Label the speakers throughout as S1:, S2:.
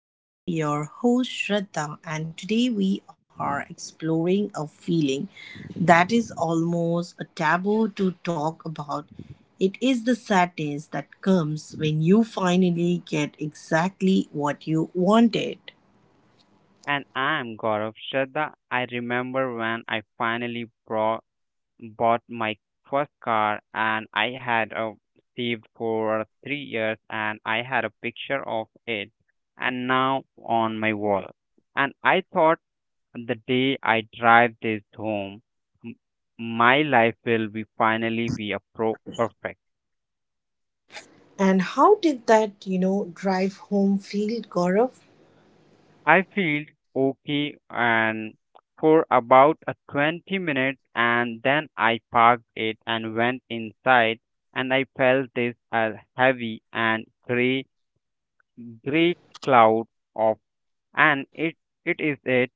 S1: I am your host, Shraddha, and today we are exploring a feeling that is almost a taboo to talk about. It is the sadness that comes when you finally get exactly what you wanted.
S2: And I'm Gaurav Shraddha. I remember when I finally bought my first car, and I had saved for 3 years and I had a picture of it and now on my wall. And I thought the day I drive this home, m- my life will be finally be a pro perfect.
S1: And how did that, drive home feel, Gaurav?
S2: I feel okay and for about a 20 minutes, and then I parked it and went inside, and I felt this heavy and gray cloud of, and it,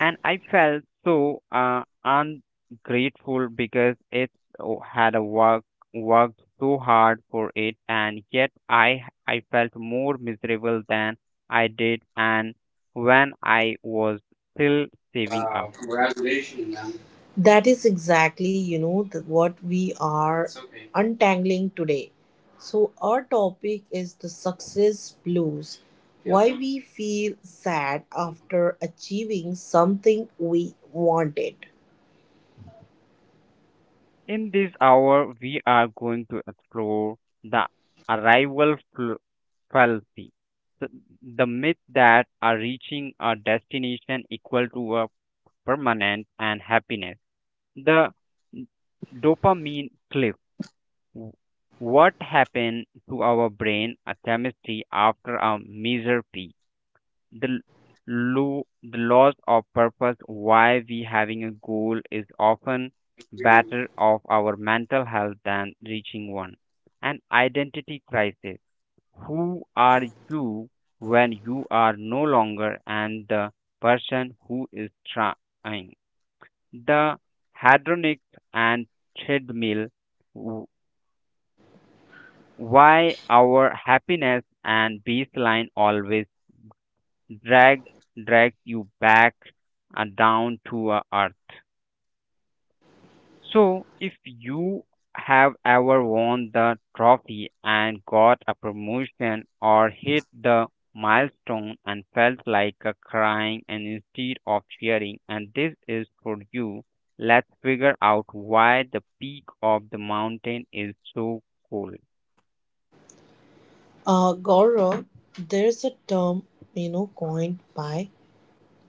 S2: and I felt so ungrateful because had a worked so hard for it, and yet I felt more miserable than I did, and when I was still saving up.
S1: Wow. Congratulations, man. That is exactly, what we are, it's okay, untangling today. So our topic is the success blues. Yeah. Why we feel sad after achieving something we wanted.
S2: In this hour, we are going to explore the arrival fl- fallacy, the, the myth that are reaching a destination equal to a permanent and happiness. The dopamine cliff. W- What happened to our brain chemistry after a major peak? The l- the loss of purpose, why we having a goal is often
S1: You.
S2: better of our mental health than reaching one. An identity crisis. Who are you when you are no longer and the person who is trying? The hedonic and treadmill, w- why our happiness and baseline always drag drags you back down to earth. So, if you have ever won the trophy and got a promotion or hit the milestone and felt like a crying and instead of cheering, and this is for you, let's figure out why the peak of the mountain is so cool.
S1: Gaurav, there's a term, coined by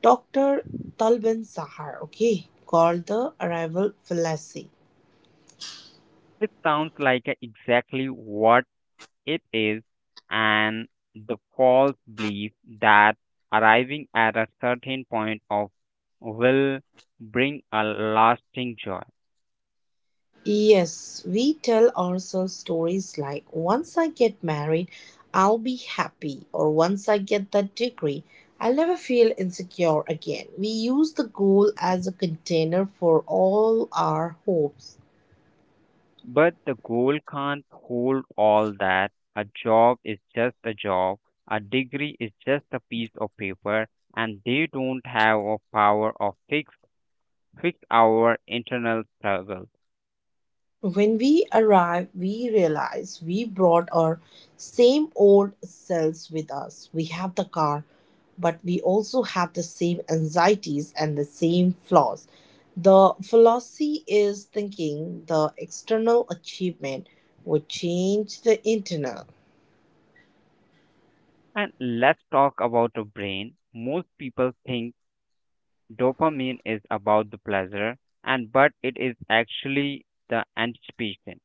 S1: Dr. Talban Sahar, okay, called the arrival fallacy.
S2: It sounds like exactly what it is, an the false belief that arriving at a certain point of will bring a lasting joy.
S1: Yes, we tell ourselves stories like, once I get married, I'll be happy, or once I get that degree, I'll never feel insecure again. We use the goal as a container for all our hopes.
S2: But the goal can't hold all that. A job is just a job, a degree is just a piece of paper, and they don't have a power of fix our internal struggle.
S1: When we arrive, we realize we brought our same old selves with us. We have the car, but we also have the same anxieties and the same flaws. The fallacy is thinking the external achievement would change the internal.
S2: And let's talk about the brain. Most people think dopamine is about the pleasure, and but it is actually the anticipation.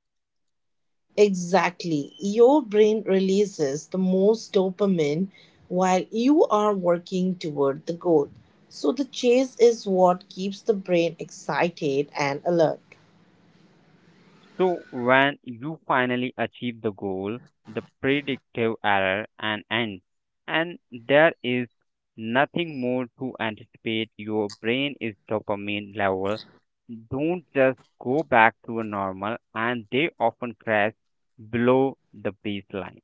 S1: Exactly. Your brain releases the most dopamine while you are working toward the goal. So, the chase is what keeps the brain excited and alert.
S2: So when you finally achieve the goal, the predictive error and ends, and there is nothing more to anticipate. Your brain is dopamine level. Don't just go back to a normal, and they often crash below the baseline.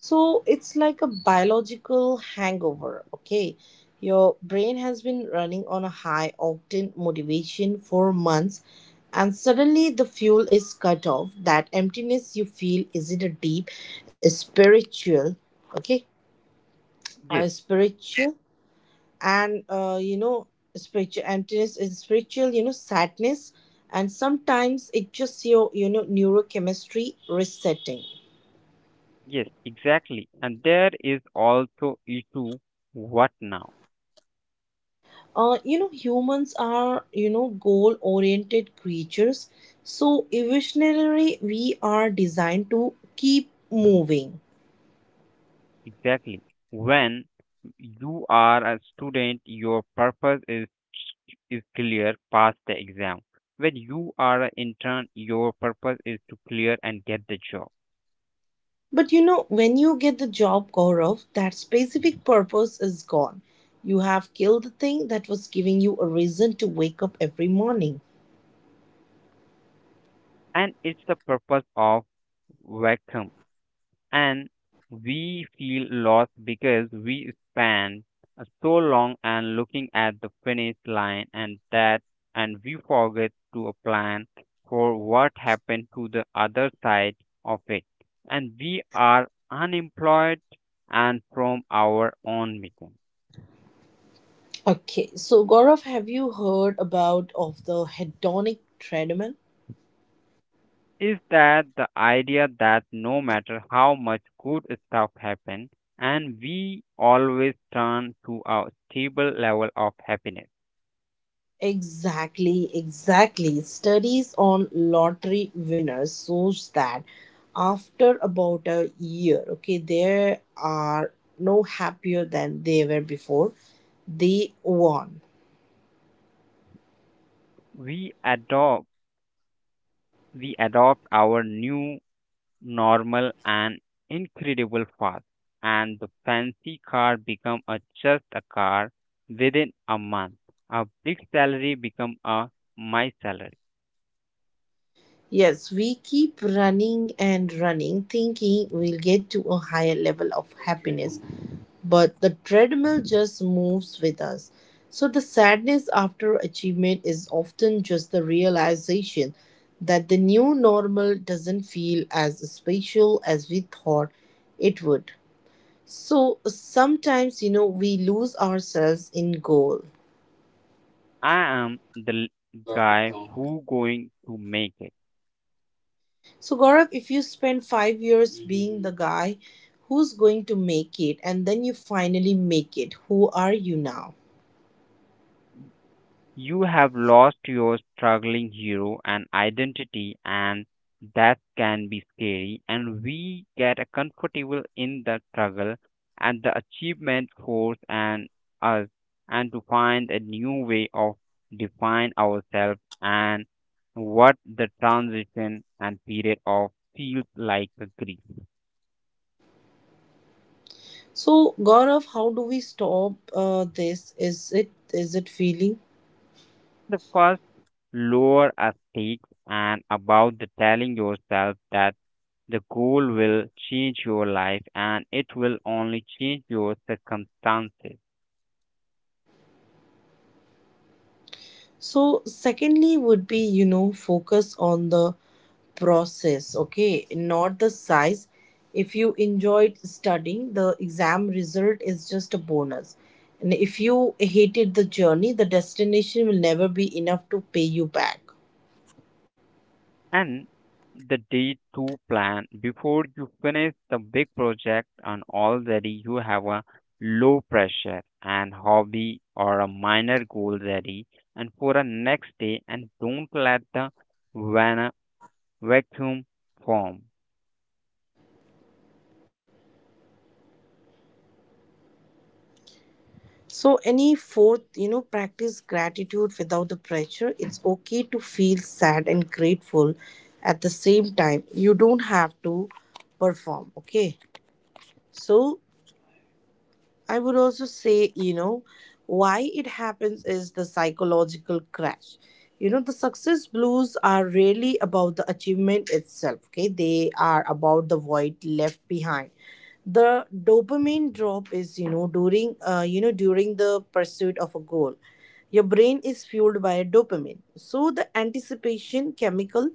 S1: So, it's like a biological hangover, okay? Your brain has been running on a high octane motivation for months, and suddenly the fuel is cut off. That emptiness you feel is it a deep, a spiritual, okay?
S2: Yes,
S1: A spiritual, and spiritual emptiness is spiritual, sadness, and sometimes it just your, neurochemistry resetting.
S2: yes, exactly. And there is also issue, what now?
S1: Humans are, goal oriented creatures, so evolutionarily we are designed to keep moving.
S2: Exactly. When you are a student, your purpose is clear, pass the exam. When you are an intern, your purpose is to clear and get the job.
S1: But when you get the job, Gaurav, that specific purpose is gone. You have killed the thing that was giving you a reason to wake up every morning.
S2: And it's the purpose of vacuum. And we feel lost because we spend so long and looking at the finish line, and that and we forget to plan for what happened to the other side of it, and we are unemployed and from our own mission.
S1: Okay, so Gaurav, have you heard about of the hedonic treadmill?
S2: Is that the idea that no matter how much good stuff happens and we always turn to a stable level of happiness?
S1: Exactly, exactly. Studies on lottery winners shows that after about a year, okay, they are no happier than they were before they won.
S2: We adopt we adopt our new normal and incredible fast, and the fancy car become a just a car within a month, a big salary become a my salary.
S1: Yes, we keep running and running, thinking we'll get to a higher level of happiness, but the treadmill just moves with us. So the sadness after achievement is often just the realization that the new normal doesn't feel as special as we thought it would. So sometimes, we lose ourselves in goal.
S2: I am guy who going to make it.
S1: So, Gaurav, if you spend 5 years being the guy who's going to make it and then you finally make it, who are you now?
S2: You have lost your struggling hero and identity, and that can be scary. And we get a comfortable in the struggle, and the achievement force and us, and to find a new way of define ourselves, and what the transition and period of feels like a grief.
S1: So, Gaurav, how do we stop this? Is it feeling?
S2: The first lower a stakes and about the telling yourself that the goal will change your life and it will only change your circumstances.
S1: So, secondly, would be, focus on the process, okay, not the size. If you enjoyed studying, the exam result is just a bonus. And if you hated the journey, the destination will never be enough to pay you back.
S2: And the day two plan before you finish the big project, and already you have a low pressure and hobby or a minor goal ready and for the next day, and don't let the van- vacuum form.
S1: So, any fourth, practice gratitude without the pressure. It's okay to feel sad and grateful at the same time. You don't have to perform, okay? So, I would also say, why it happens is the psychological crash. The success blues are really about the achievement itself, okay? They are about the void left behind. The dopamine drop is, during the pursuit of a goal. Your brain is fueled by dopamine. So the anticipation chemical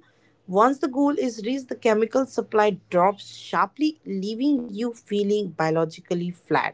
S1: once the goal is reached, the chemical supply drops sharply, leaving you feeling biologically flat.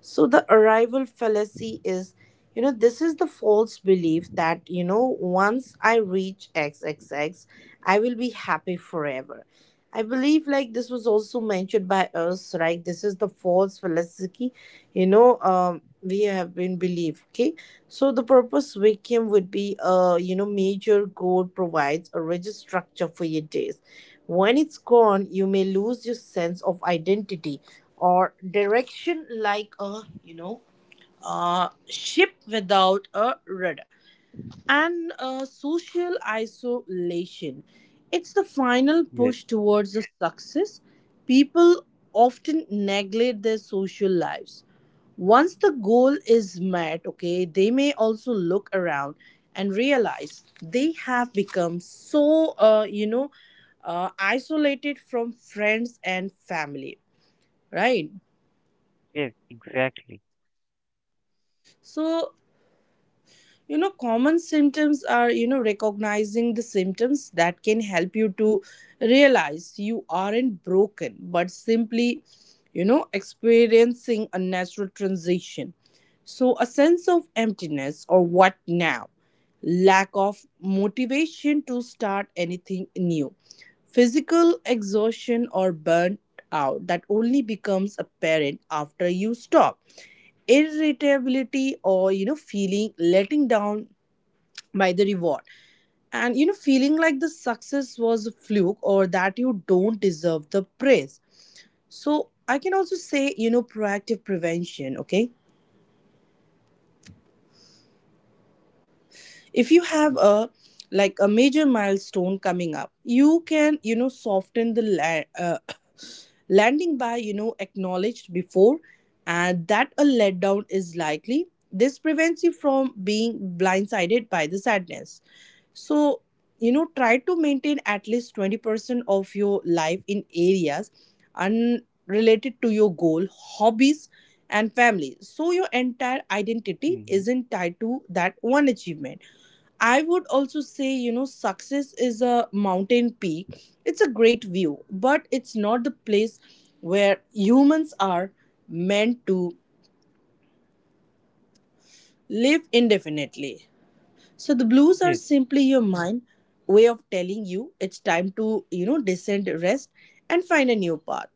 S1: So the arrival fallacy is, this is the false belief that, once I reach x x x, I will be happy forever. I believe like this was also mentioned by us, right? This is the false fallacy, we have been believed. Okay. So the purpose vacuum would be, major gold provides a rigid structure for your days. When it's gone, you may lose your sense of identity or direction, like, a a ship without a rudder, and social isolation, it's the final
S2: Yes,
S1: push towards the success. People often neglect their social lives once the goal is met, okay, they may also look around and realize they have become so, isolated from friends and family, right?
S2: yes, exactly.
S1: So, common symptoms are, recognizing the symptoms that can help you to realize you aren't broken but simply, experiencing a natural transition. So, a sense of emptiness or what now. Lack of motivation to start anything new. Physical exhaustion or burnt out that only becomes apparent after you stop. Irritability or, feeling letting down by the reward. And feeling like the success was a fluke or that you don't deserve the praise. So I can also say, proactive prevention, okay. If you have a, like, a major milestone coming up, you can, soften the landing by, acknowledged before and that a letdown is likely. This prevents you from being blindsided by the sadness. So, try to maintain at least 20% of your life in areas unrelated to your goal, hobbies and family, so your entire identity
S2: Hmm.
S1: isn't tied to that one achievement. I would also say, success is a mountain peak. It's a great view, but it's not the place where humans are meant to live indefinitely. So the blues are
S2: Yes,
S1: simply your mind way of telling you it's time to, descend, rest, and find a new path.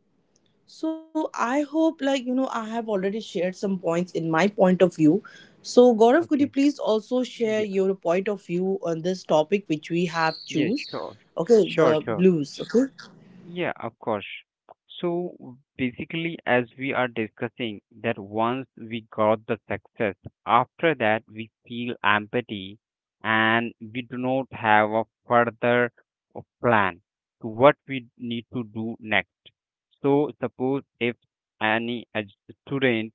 S1: So I hope, like, I have already shared some points in my point of view. So Gaurav, could you
S2: okay.
S1: please also share
S2: Yeah,
S1: your point of view on this topic which we have
S2: yeah,
S1: choose?
S2: sure,
S1: Okay,
S2: sure,
S1: the
S2: sure.
S1: blues. Okay.
S2: Yeah, of course. So basically, as we are discussing, that once we got the success, after that we feel empathy and we do not have a further plan to what we need to do next. So suppose if any a student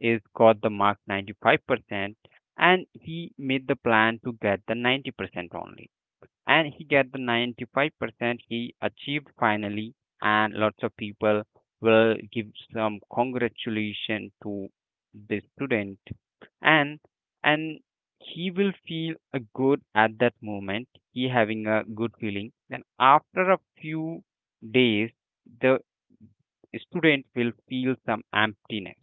S2: is got the mark 95% and he made the plan to get the 90% only, and he get the 95% he achieved finally, and lots of people will give some congratulation to the student, and and he will feel a good at that moment, he having a good feeling. Then after a few days, the student will feel some emptiness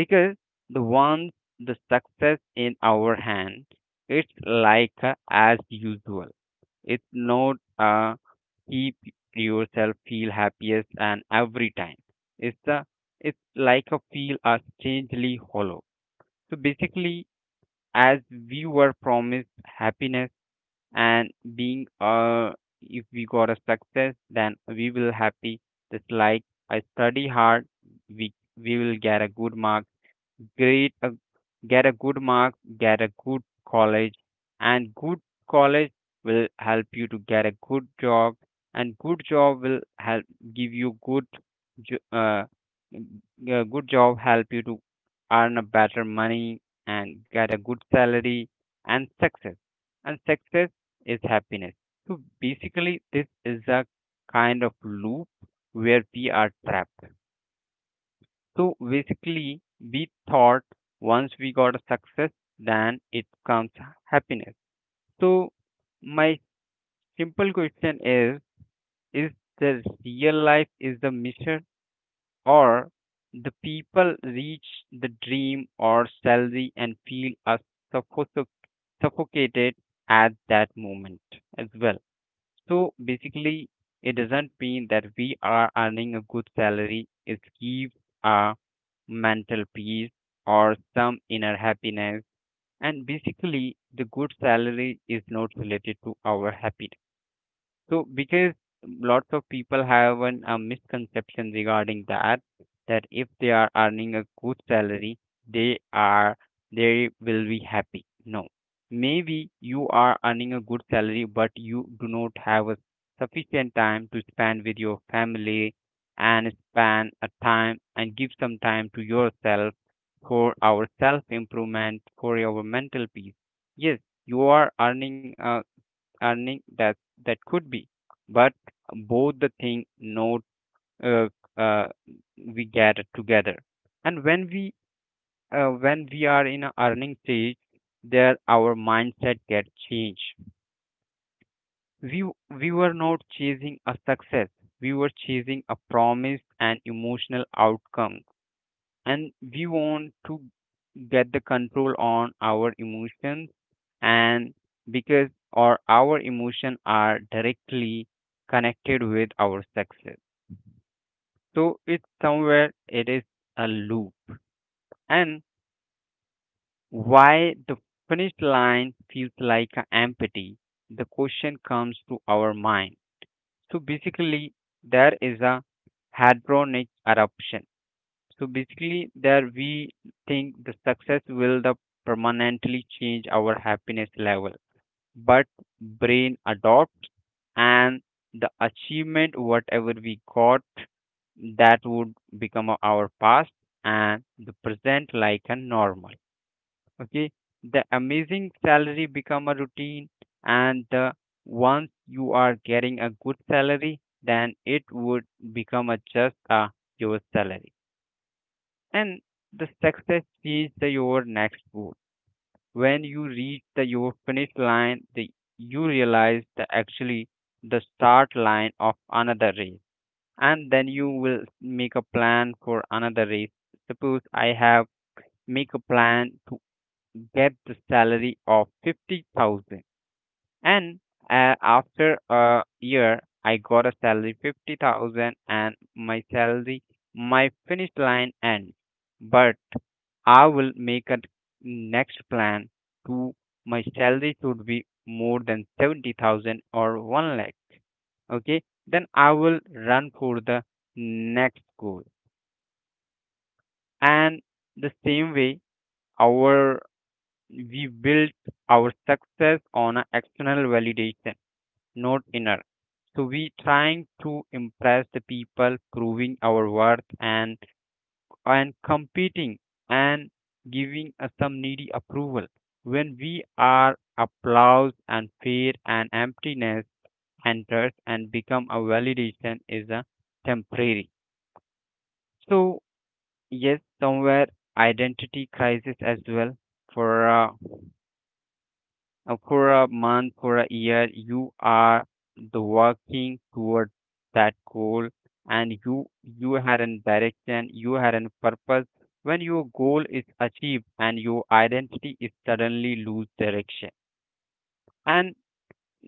S2: because the one the success in our hand, it's like a as usual, it's not a keep yourself feel happiest and every time. It's a it's like a feel a strangely hollow. So basically, as we were promised happiness and being if we got a success, then we will happy. Just like I study hard, we will get a good mark, great a, get a good mark, get a good college, and good college will help you to get a good job, and good job will help give you good jo- uh, a good job help you to earn a better money and get a good salary, and success and success is happiness. So basically this is a kind of loop where we are trapped. So basically, we thought once we got a success, then it comes happiness. So my simple question is: is the real life is the mission, or the people reach the dream or salary and feel a suffo- suffocated at that moment as well? So basically, it doesn't mean that we are earning a good salary. It gives a mental peace, or some inner happiness. And basically, the good salary is not related to our happiness. So, because lots of people have an, a misconception regarding that, that if they are earning a good salary, they are they will be happy. No, maybe you are earning a good salary, but you do not have a sufficient time to spend with your family, and spend a time and give some time to yourself for our self improvement, for your mental peace. Yes, you are earning that that could be, but both the thing note uh, uh, we gather together, and when we are in a earning stage, there our mindset get changed. We we were not chasing a success, we were chasing a promise and emotional outcome, and we want to get the control on our emotions, and because or our emotion are directly connected with our success. So it's somewhere it is a loop, and why the finish line feels like an empty, the question comes to our mind. So basically there is a hadronic eruption. So basically there we think the success will the permanently change our happiness level, but brain adopts, and the achievement whatever we got, that would become our past, and the present like a normal. Okay, the amazing salary become a routine, and the once you are getting a good salary, then it would become a just a your salary. And the success is the, your next goal. When you reach the your finish line, the, you realize that actually the start line of another race, and then you will make a plan for another race. Suppose I have make a plan to get the salary of 50,000, and after a year I got a salary 50,000 and my salary my finish line ends, but I will make a next plan to my salary should be more than 70,000 or 1 lakh. Okay, then I will run for the next goal. And the same way, our we built our success on a external validation, not inner. So we trying to impress the people, proving our worth and competing and giving us some needy approval. When we are applause and fear and emptiness enters and become a validation is a temporary. So yes, somewhere identity crisis as well for uh, for a month, for a year, you are the working toward that goal, and you had a direction, you had a purpose. When your goal is achieved and your identity is suddenly lose direction. And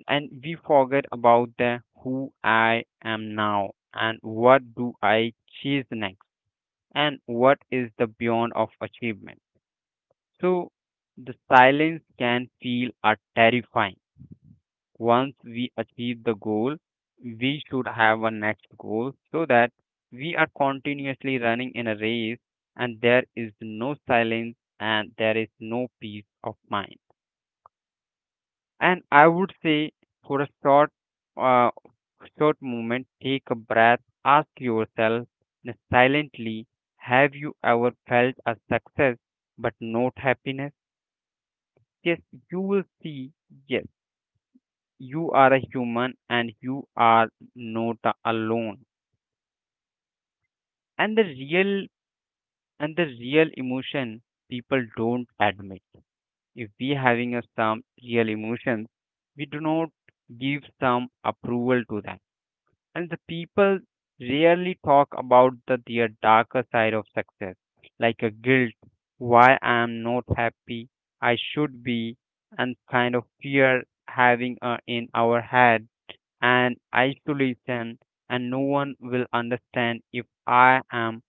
S2: and we forget about the who I am now and what do I chase next, and what is the beyond of achievement. So the silence can feel are terrifying. Once we achieve the goal, we should have a next goal so that we are continuously running in a race, and there is no silence and there is no peace of mind. And I would say for a short, uh, short moment, take a breath, ask yourself silently, have you ever felt a success but not happiness? Yes, you will see, yes you are a human and you are not a- alone, and the real emotion people don't admit. If we having a some real emotions, we do not give some approval to that. And the people rarely talk about the their darker side of success, like a guilt. Why I am not happy? I should be. And kind of fear having in our head, and isolation, and no one will understand if I am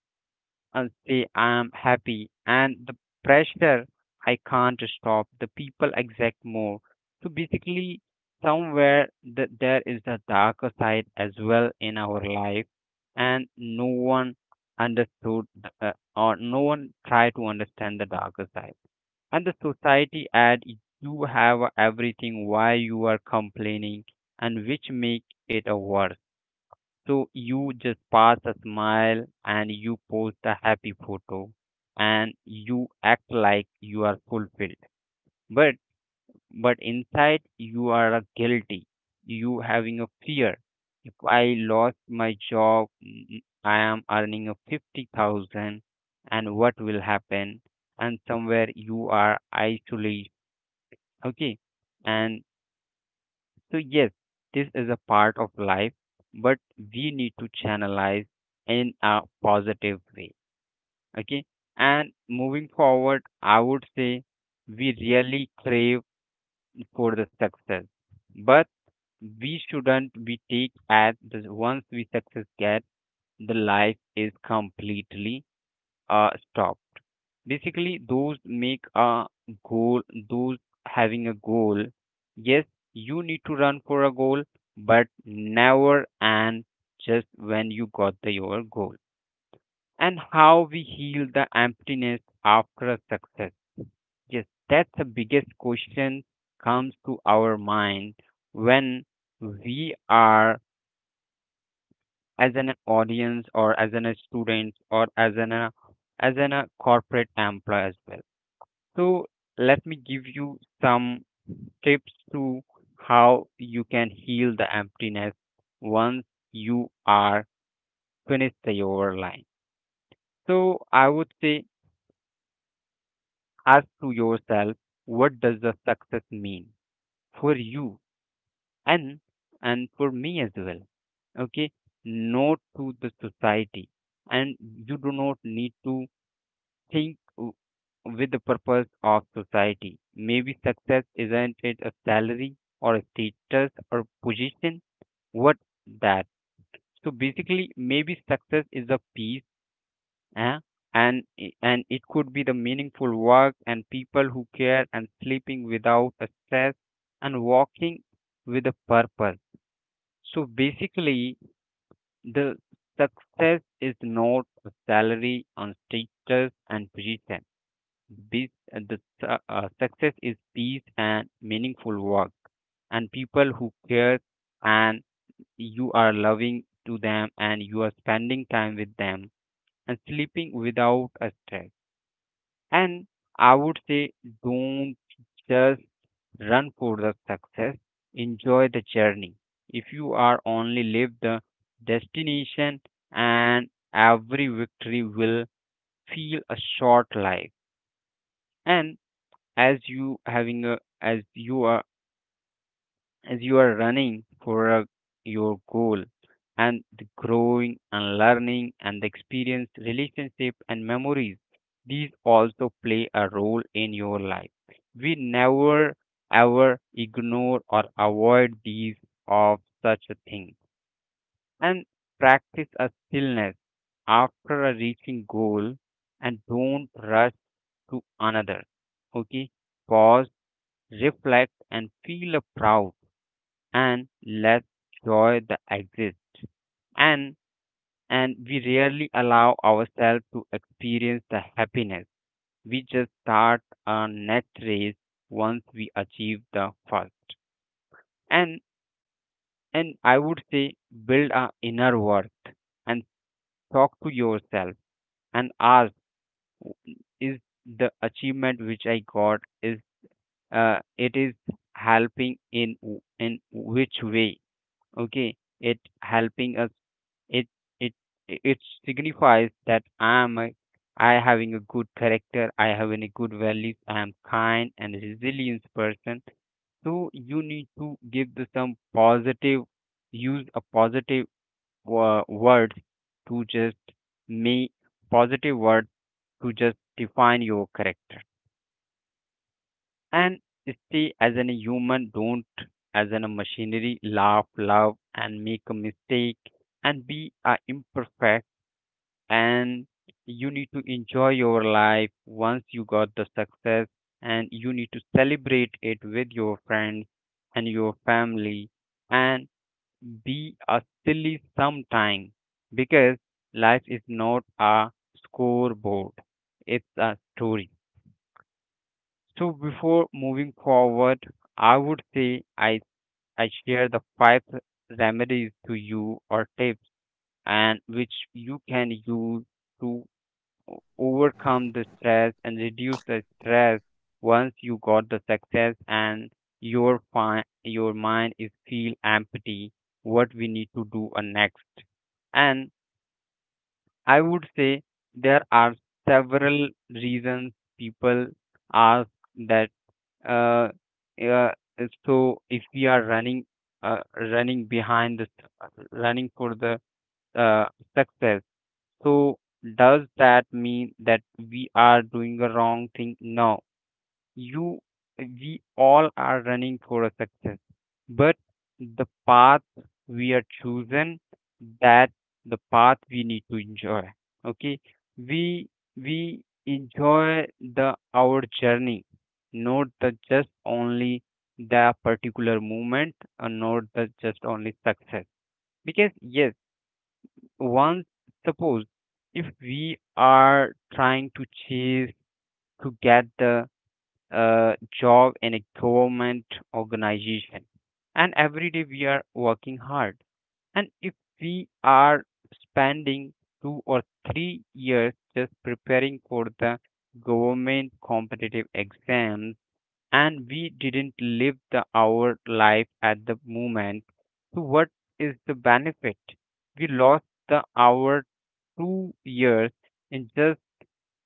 S2: and say I am happy. And the pressure, I can't stop. The people exact more. So basically, somewhere there is the darker side as well in our life, and no one understood, or no one tried to understand the darker side. And the society ad, you have everything, why you are complaining? And which make it a worse. So you just pass a smile and you post a happy photo and you act like you are fulfilled, but inside you are a guilty, you having a fear. If I lost my job, I am earning a 50,000, and what will happen? And somewhere you are isolated. Okay. And so, yes, this is a part of life, but we need to channelize in a positive way. Okay. And moving forward, I would say we really crave for the success, but we shouldn't be take at the once we success get, the life is completely stop. Basically, those make a goal, those having a goal. Yes, you need to run for a goal, but never and just when you got the your goal. And how we heal the emptiness after a success? Yes, that's the biggest question comes to our mind when we are as an audience or as an a student or as an a corporate employee as well. So let me give you some tips to how you can heal the emptiness once you are finished the overline. So I would say ask to yourself, what does the success mean for you and for me as well? Okay, not to the society, and you do not need to think with the purpose of society. Maybe success isn't it a salary or a status or position? What that? So basically, maybe success is a peace, eh? And it could be the meaningful work and people who care and sleeping without a stress and walking with a purpose. So basically, the success is not a salary and status and position. This, success is peace and meaningful work, and people who care, and you are loving to them, and you are spending time with them, and sleeping without a stress. And I would say, don't just run for the success. Enjoy the journey. If you are only live the destination, and every victory will feel a short life. And as you having a as you are running for a, your goal, and the growing and learning and the experience relationship and memories, these also play a role in your life. We never ever ignore or avoid these of such a thing. And practice a stillness after a reaching goal, and don't rush to another. Okay. Pause, reflect, and feel proud, and let joy the exist. And and we rarely allow ourselves to experience the happiness. We just start a next race once we achieve the first. And I would say, build a inner worth, and talk to yourself and ask, "Is the achievement which I got is, it is helping in in which way? Okay, it helping us, it it it signifies that I having a good character, I having a good values, I am kind and resilient person." So you need to give the some positive, use a positive word to just make positive word to just define your character. And stay as a human, don't as a machinery, laugh, love, and make a mistake, and be imperfect. And you need to enjoy your life once you got the success, and you need to celebrate it with your friends and your family, and be a silly sometime, because life is not a scoreboard, it's a story. So before moving forward, I would say I share the five remedies to you or tips, and which you can use to overcome the stress and reduce the stress once you got the success and your your mind is feel empty. What we need to do next? And I would say there are several reasons people ask that, uh, yeah, and so if we are running, running behind the running for the uh, success. So does that mean that we are doing a wrong thing? No, you we all are running for a success, but the path we are chosen, that the path we need to enjoy. Okay, we we enjoy the our journey, not the just only the particular moment, and not the just only success. Because yes, once suppose, if we are trying to chase to get the job in a government organization. And every day we are working hard. And if we are spending 2 or 3 years just preparing for the government competitive exams, and we didn't live the our life at the moment, so what is the benefit? We lost the our 2 years in just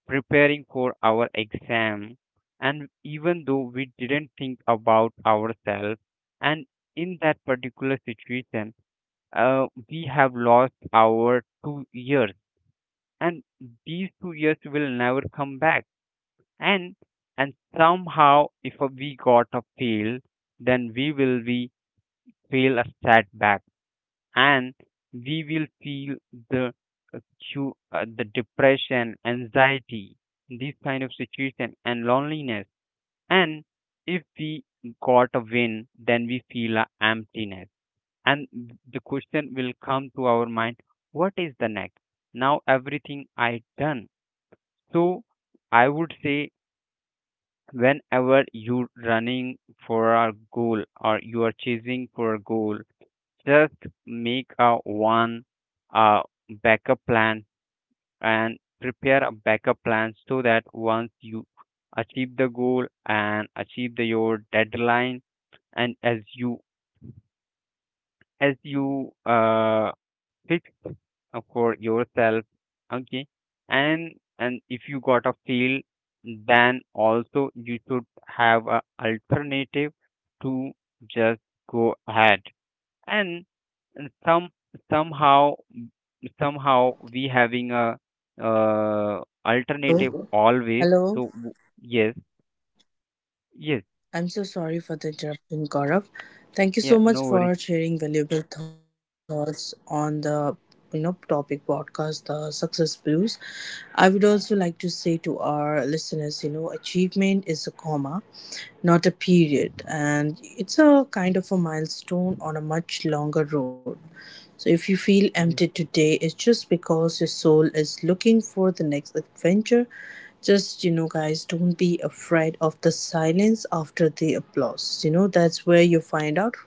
S2: preparing for our exam, and even though we didn't think about ourselves, and in that particular situation, we have lost our 2 years, and these 2 years will never come back. And somehow if we got a fail, then we will be feel a setback, and we will feel the uh, the depression, anxiety, this kind of situation, and loneliness. And if we got a win, then we feel a emptiness. And the question will come to our mind: what is the next? Now everything I done. So I would say, whenever you're running for a goal or you are chasing for a goal, just make a one uh, backup plan, and prepare a backup plan, so that once you achieve the goal and achieve the, your deadline, and as you as you uh, fix for yourself. Okay. And if you got a fail, then also you should have a alternative to just go ahead. And some somehow, somehow we having a alternative
S1: Hello.
S2: always.
S1: Hello.
S2: So yes,
S1: I'm so
S2: yes,
S1: sorry for the interruption, Gaurav. Thank you so much for
S2: yeah, no
S1: sharing
S2: worries.
S1: valuable thoughts on the, topic podcast, the success blues. I would also like to say to our listeners, achievement is a comma, not a period, and it's a kind of a milestone on a much longer road. So if you feel empty today, it's just because your soul is looking for the next adventure. Just, guys, don't be afraid of the silence after the applause. That's where you find out who you are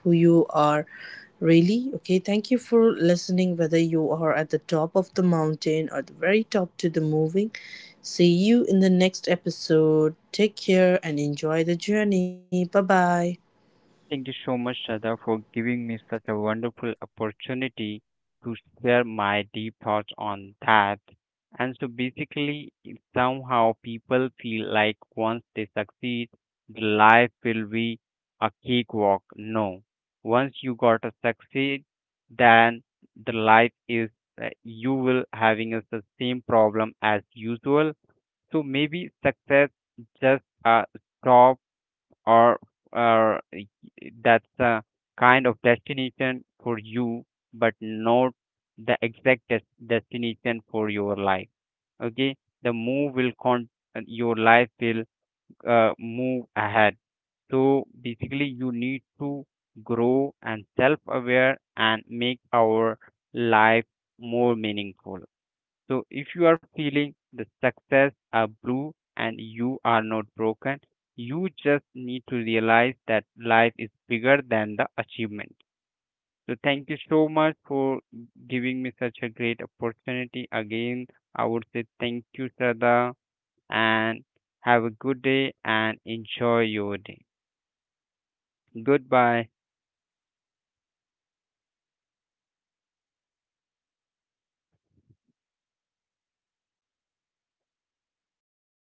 S1: really. Okay, thank you for listening, whether you are at the top of the mountain or the very top to the moving. See you in the next episode. Take care and enjoy the journey. Bye bye.
S2: Thank you so much, Shraddha, for giving me such a wonderful opportunity to share my deep thoughts on that. And so basically, if somehow people feel like once they succeed, the life will be a cakewalk. No, once you got a succeed, then the life is, you will having is the same problem as usual. So maybe success just a stop, or or y- that's a kind of destination for you, but not the exact destination for your life. Okay, the move will con, your life will move ahead. So basically, you need to grow and self-aware and make our life more meaningful. So if you are feeling the success are blue and you are not broken, you just need to realize that life is bigger than the achievement. So thank you so much for giving me such a great opportunity. Again, I would say thank you, Sada, and have a good day and enjoy your day. Goodbye.
S1: Thank you.